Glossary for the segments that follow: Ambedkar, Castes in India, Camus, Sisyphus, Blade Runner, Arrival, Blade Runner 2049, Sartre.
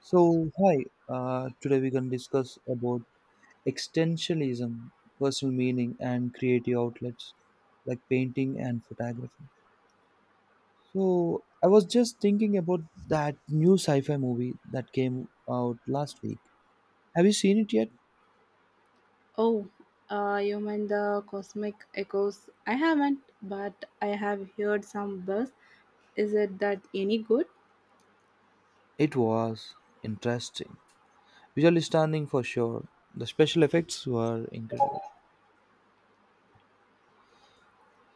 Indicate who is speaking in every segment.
Speaker 1: So, hi. Today we're gonna discuss about existentialism, personal meaning, and creative outlets like painting and photography. So, I was just thinking about that new sci-fi movie that came out last week. Have you seen it yet?
Speaker 2: Oh, you mean the cosmic echoes? I haven't, but I have heard some buzz. Is it that any good?
Speaker 1: It was interesting, visually stunning for sure. The special effects were incredible.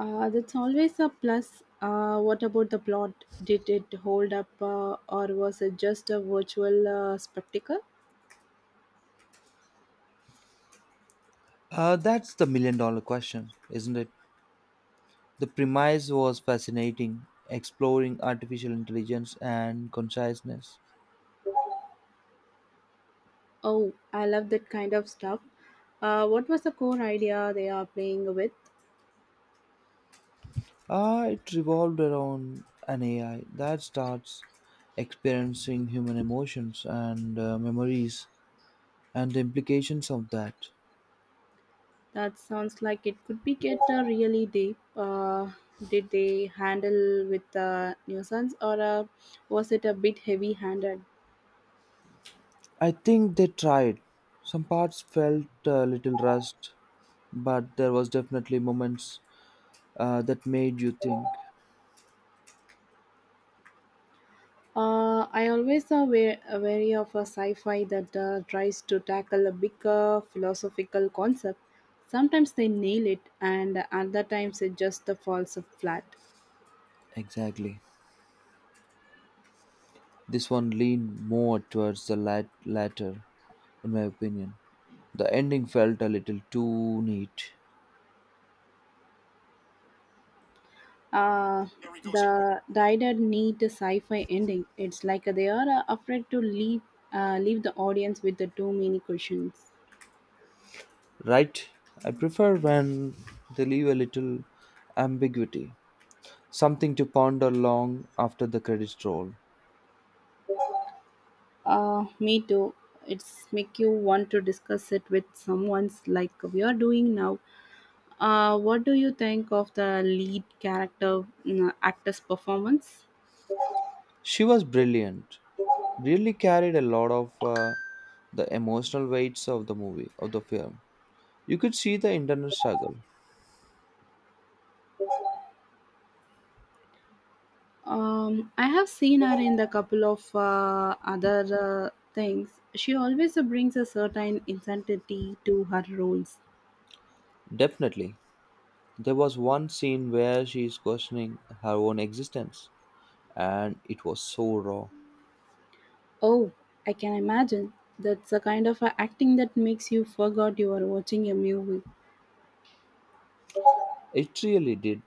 Speaker 2: That's always a plus. What about the plot? Did it hold up, or was it just a virtual spectacle?
Speaker 1: That's the million-dollar question, isn't it? The premise was fascinating, exploring artificial intelligence and consciousness.
Speaker 2: Oh, I love that kind of stuff. What was the core idea they are playing with?
Speaker 1: Ah, it revolved around an AI that starts experiencing human emotions and memories and the implications of that.
Speaker 2: That sounds like it could be get really deep. Did they handle with the nuisance or was it a bit heavy handed?
Speaker 1: I think they tried. Some parts felt a little rushed, but there was definitely moments that made you think.
Speaker 2: I always are wary of a sci fi that tries to tackle a bigger philosophical concept. Sometimes they nail it, and other times it just falls flat.
Speaker 1: Exactly. This one leaned more towards the latter, in my opinion. The ending felt a little too neat.
Speaker 2: Uh, the dieter need a sci-fi ending. It's like they are afraid to leave the audience with the too many questions.
Speaker 1: Right? I prefer when they leave a little ambiguity, something to ponder long after the credits roll.
Speaker 2: Me too. It's make you want to discuss it with someone's like we are doing now. What do you think of the lead character actor's performance?
Speaker 1: She was brilliant, really carried a lot of the emotional weights of the movie, of the film. You could see the internal struggle.
Speaker 2: I have seen her in a couple of other things. She always brings a certain intensity to her roles.
Speaker 1: Definitely. There was one scene where she is questioning her own existence, and it was so raw.
Speaker 2: Oh, I can imagine. That's the kind of acting that makes you forgot you are watching a movie.
Speaker 1: It really did.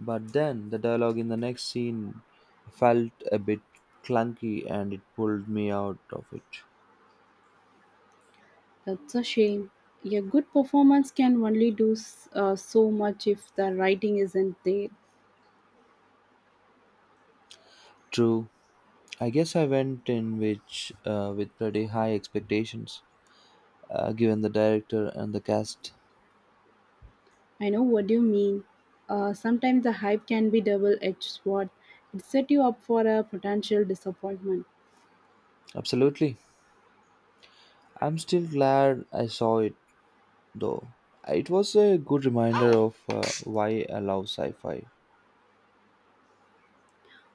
Speaker 1: But then the dialogue in the next scene felt a bit clunky and it pulled me out of it.
Speaker 2: That's a shame. A good performance can only do so much if the writing isn't there.
Speaker 1: True. I guess I went in which with pretty high expectations, given the director and the cast.
Speaker 2: I know what you mean. Sometimes the hype can be double edged sword. It set you up for a potential disappointment.
Speaker 1: Absolutely. I'm still glad I saw it, though. It was a good reminder of why I love sci-fi.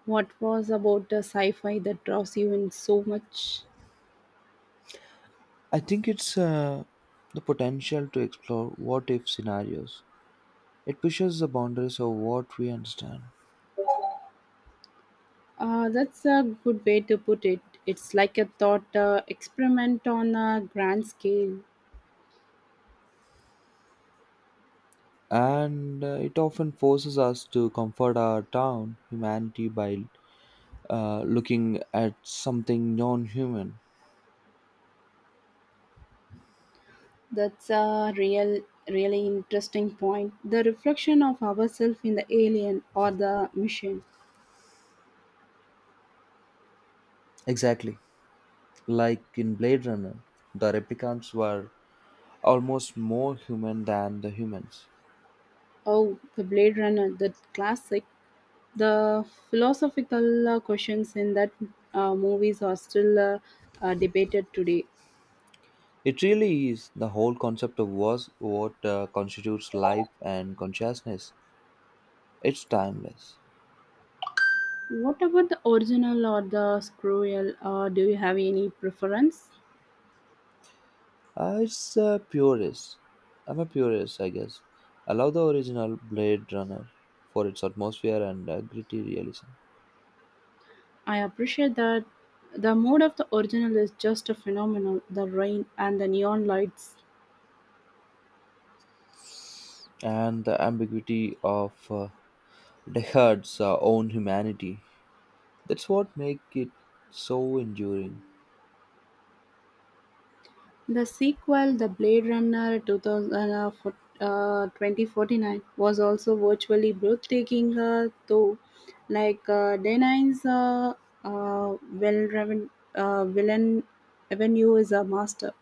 Speaker 2: What was about the sci fi that draws you in so much?
Speaker 1: I think it's the potential to explore what-if scenarios. It pushes the boundaries of what we understand,
Speaker 2: That's a good way to put it. It's like a thought experiment on a grand scale.
Speaker 1: and it often forces us to comfort our down humanity by looking at something non-human.
Speaker 2: That's a really interesting point. The reflection of ourselves in the alien or the machine.
Speaker 1: Exactly, like in Blade Runner, the replicants were almost more human than the humans.
Speaker 2: Oh, the Blade Runner, the classic. The philosophical questions in that movies are still debated today.
Speaker 1: It really is the whole concept of was what constitutes life and consciousness. It's timeless.
Speaker 2: What about the original or the scroll? Do you have any preference?
Speaker 1: It's a purist. I'm a purist, I guess. I love the original Blade Runner for its atmosphere and gritty realism,
Speaker 2: I appreciate that the mode of the original is just a phenomenal. The rain and the neon lights.
Speaker 1: and the ambiguity of Deckard's own humanity. That's what makes it so enduring.
Speaker 2: The sequel, The Blade Runner 2049, was also virtually breathtaking, though, like Denai's well-driven villain Avenue is a master.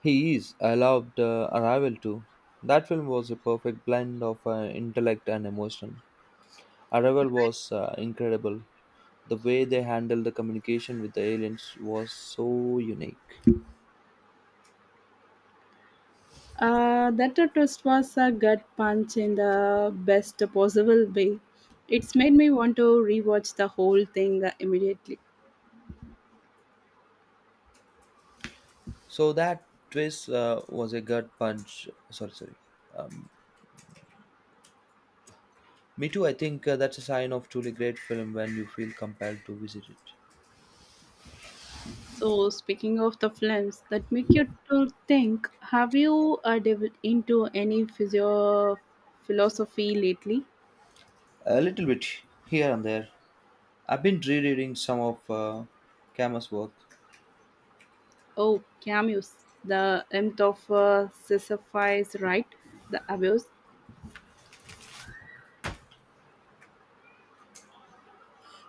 Speaker 1: He is. I loved Arrival too. That film was a perfect blend of intellect and emotion. Arrival was incredible. The way they handled the communication with the aliens was so unique.
Speaker 2: That twist was a gut punch in the best possible way. It's made me want to rewatch the whole thing immediately.
Speaker 1: So that twist was a gut punch. Sorry, sorry. Um, Me too. I think that's a sign of truly great film when you feel compelled to visit it.
Speaker 2: So, speaking of the films that make you to think, have you delved into any physio philosophy lately?
Speaker 1: A little bit here and there. I've been rereading some of Kama's work.
Speaker 2: Oh, Camus, the myth of Sisyphus, right? The abuse.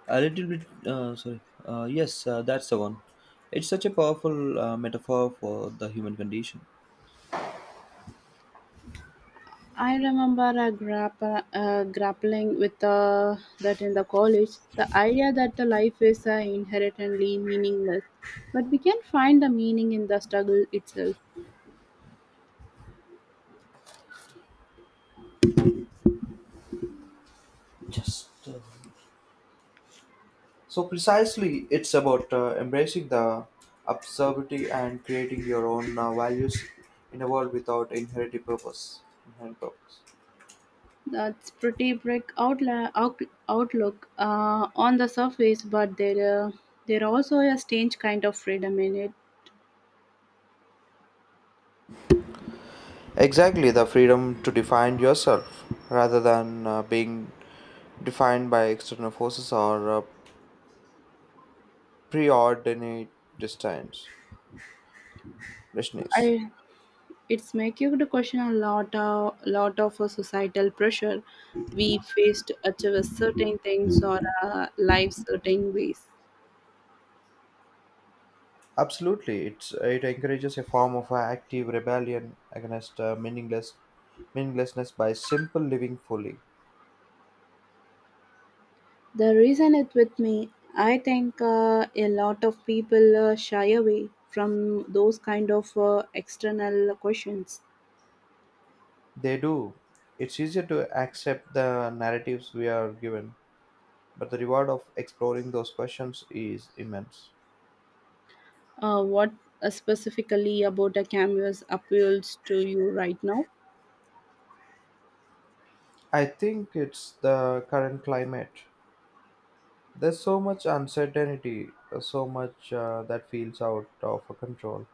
Speaker 1: A little bit. Sorry. Yes, that's the one. It's such a powerful metaphor for the human condition.
Speaker 2: I remember grappa grappling with that in the college. The idea that the life is inherently meaningless, but we can find the meaning in the struggle itself.
Speaker 1: Just. So precisely, it's about embracing the absurdity and creating your own values in a world without inherited purpose. Inherent purpose.
Speaker 2: That's pretty bleak outlook on the surface, but there also a strange kind of freedom in it.
Speaker 1: Exactly, the freedom to define yourself rather than being defined by external forces or preordained destinies. destinies.
Speaker 2: I it's make you to question a lot of societal pressure we face to achieve certain things or life certain ways.
Speaker 1: Absolutely, it encourages a form of active rebellion against meaninglessness by simple living fully.
Speaker 2: The reason it with me, I think a lot of people shy away from those kind of external questions.
Speaker 1: They do. It's easier to accept the narratives we are given, but the reward of exploring those questions is immense.
Speaker 2: What specifically about a canvas appeals to you right now?
Speaker 1: I think it's the current climate. There's so much uncertainty, so much that feels out of control.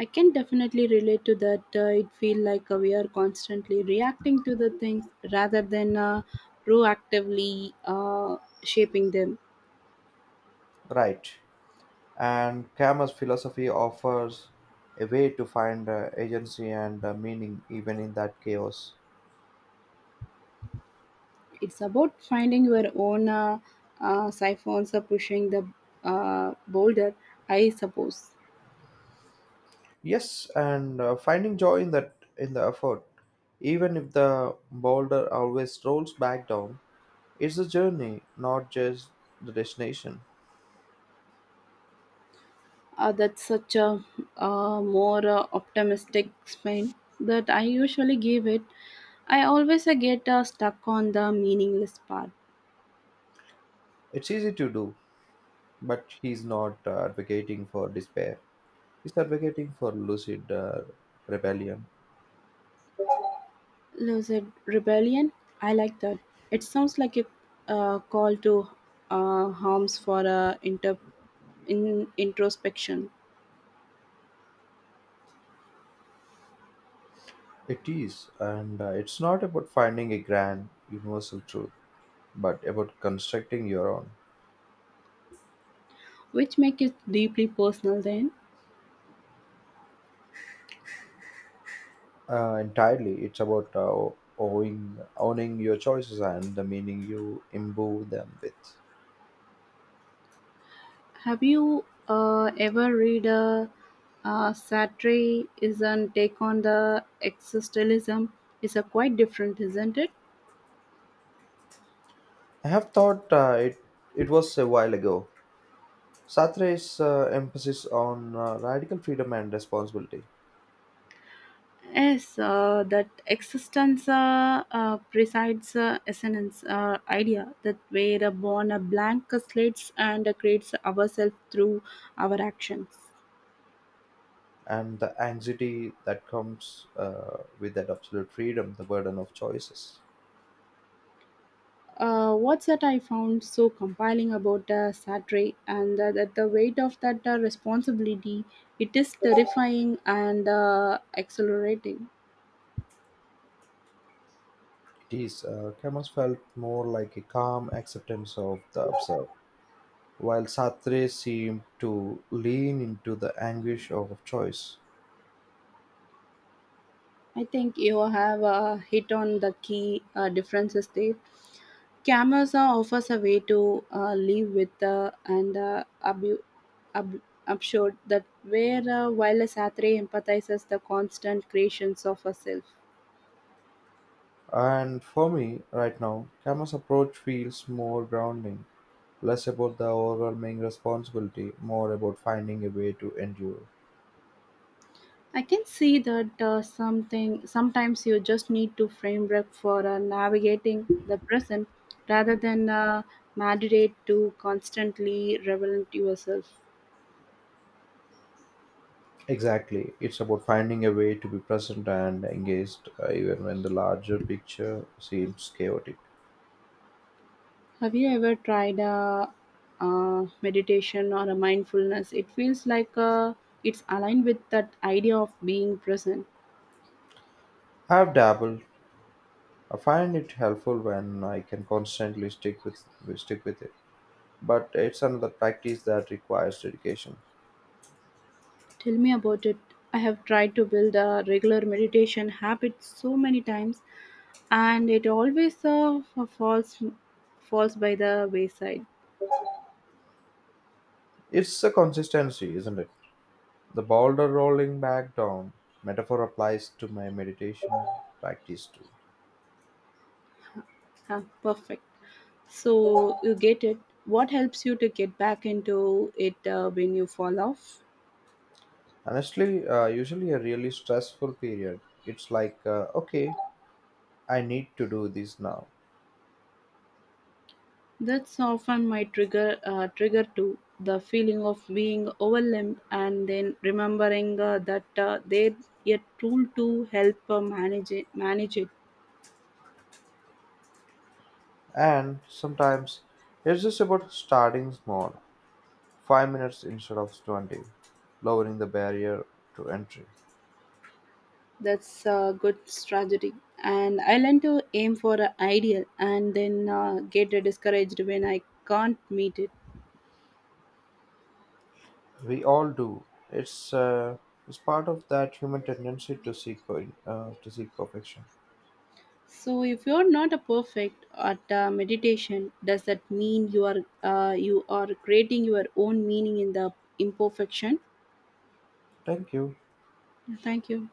Speaker 2: I can definitely relate to that. It feels like we are constantly reacting to the things rather than proactively shaping them.
Speaker 1: Right. And Kama's philosophy offers a way to find agency and meaning even in that chaos.
Speaker 2: It's about finding your own siphons or pushing the boulder, I suppose.
Speaker 1: Yes, and finding joy in that in the effort, even if the boulder always rolls back down, it's a journey, not just the destination.
Speaker 2: That's such a more optimistic spin that I usually give it. I always get stuck on the meaningless part.
Speaker 1: It's easy to do, but he's not advocating for despair. He's advocating for lucid rebellion.
Speaker 2: Lucid rebellion. I like that. It sounds like a call to harms for in introspection,
Speaker 1: It is, and it's not about finding a grand universal truth, but about constructing your own.
Speaker 2: which make it deeply personal. Then
Speaker 1: Entirely, it's about owning your choices and the meaning you imbue them with.
Speaker 2: have you ever read a Satir's take on the existentialism? Is a quite different, isn't it?
Speaker 1: I have thought it was a while ago. Sartre's emphasis on radical freedom and responsibility,
Speaker 2: Yes, that existence presides essence idea that we are born a blank slates and creates ourselves through our actions.
Speaker 1: and the anxiety that comes with that absolute freedom, the burden of choices.
Speaker 2: What's that I found so compelling about the Saturday and that the weight of that responsibility, it is terrifying and accelerating.
Speaker 1: It is. Camus felt more like a calm acceptance of the absurd, while Sartre seemed to lean into the anguish of choice.
Speaker 2: I think you have hit on the key differences there. Cameras offers a way to live with absurd that where while a Saturday empathizes the constant creations of herself.
Speaker 1: And for me, right now, Kama's approach feels more grounding, less about the overwhelming responsibility, more about finding a way to endure.
Speaker 2: I can see that something sometimes you just need to framework for navigating the present rather than meditate to constantly relevant yourself.
Speaker 1: Exactly. It's about finding a way to be present and engaged, even when the larger picture seems chaotic.
Speaker 2: Have you ever tried meditation or a mindfulness? It feels like it's aligned with that idea of being present.
Speaker 1: I've dabbled. I find it helpful when I can constantly stick with it. But it's another practice that requires dedication.
Speaker 2: Tell me about it. I have tried to build a regular meditation habit so many times, and it always falls falls by the wayside.
Speaker 1: It's a consistency, isn't it? The boulder rolling back down metaphor applies to my meditation practice too.
Speaker 2: Huh, perfect. So you get it. What helps you to get back into it when you fall off?
Speaker 1: Honestly, usually a really stressful period, it's like, okay, I need to do this now.
Speaker 2: That's often my trigger to the feeling of being overwhelmed, and then remembering that they a tool to help manage it.
Speaker 1: And sometimes it's just about starting small, 5 minutes instead of 20, lowering the barrier to entry.
Speaker 2: That's a good strategy. And I learn to aim for an ideal and then get discouraged when I can't meet it.
Speaker 1: We all do. It's part of that human tendency to to seek perfection.
Speaker 2: So if you're not a perfect at meditation, does that mean you are creating your own meaning in the imperfection?
Speaker 1: Thank you.
Speaker 2: Thank you.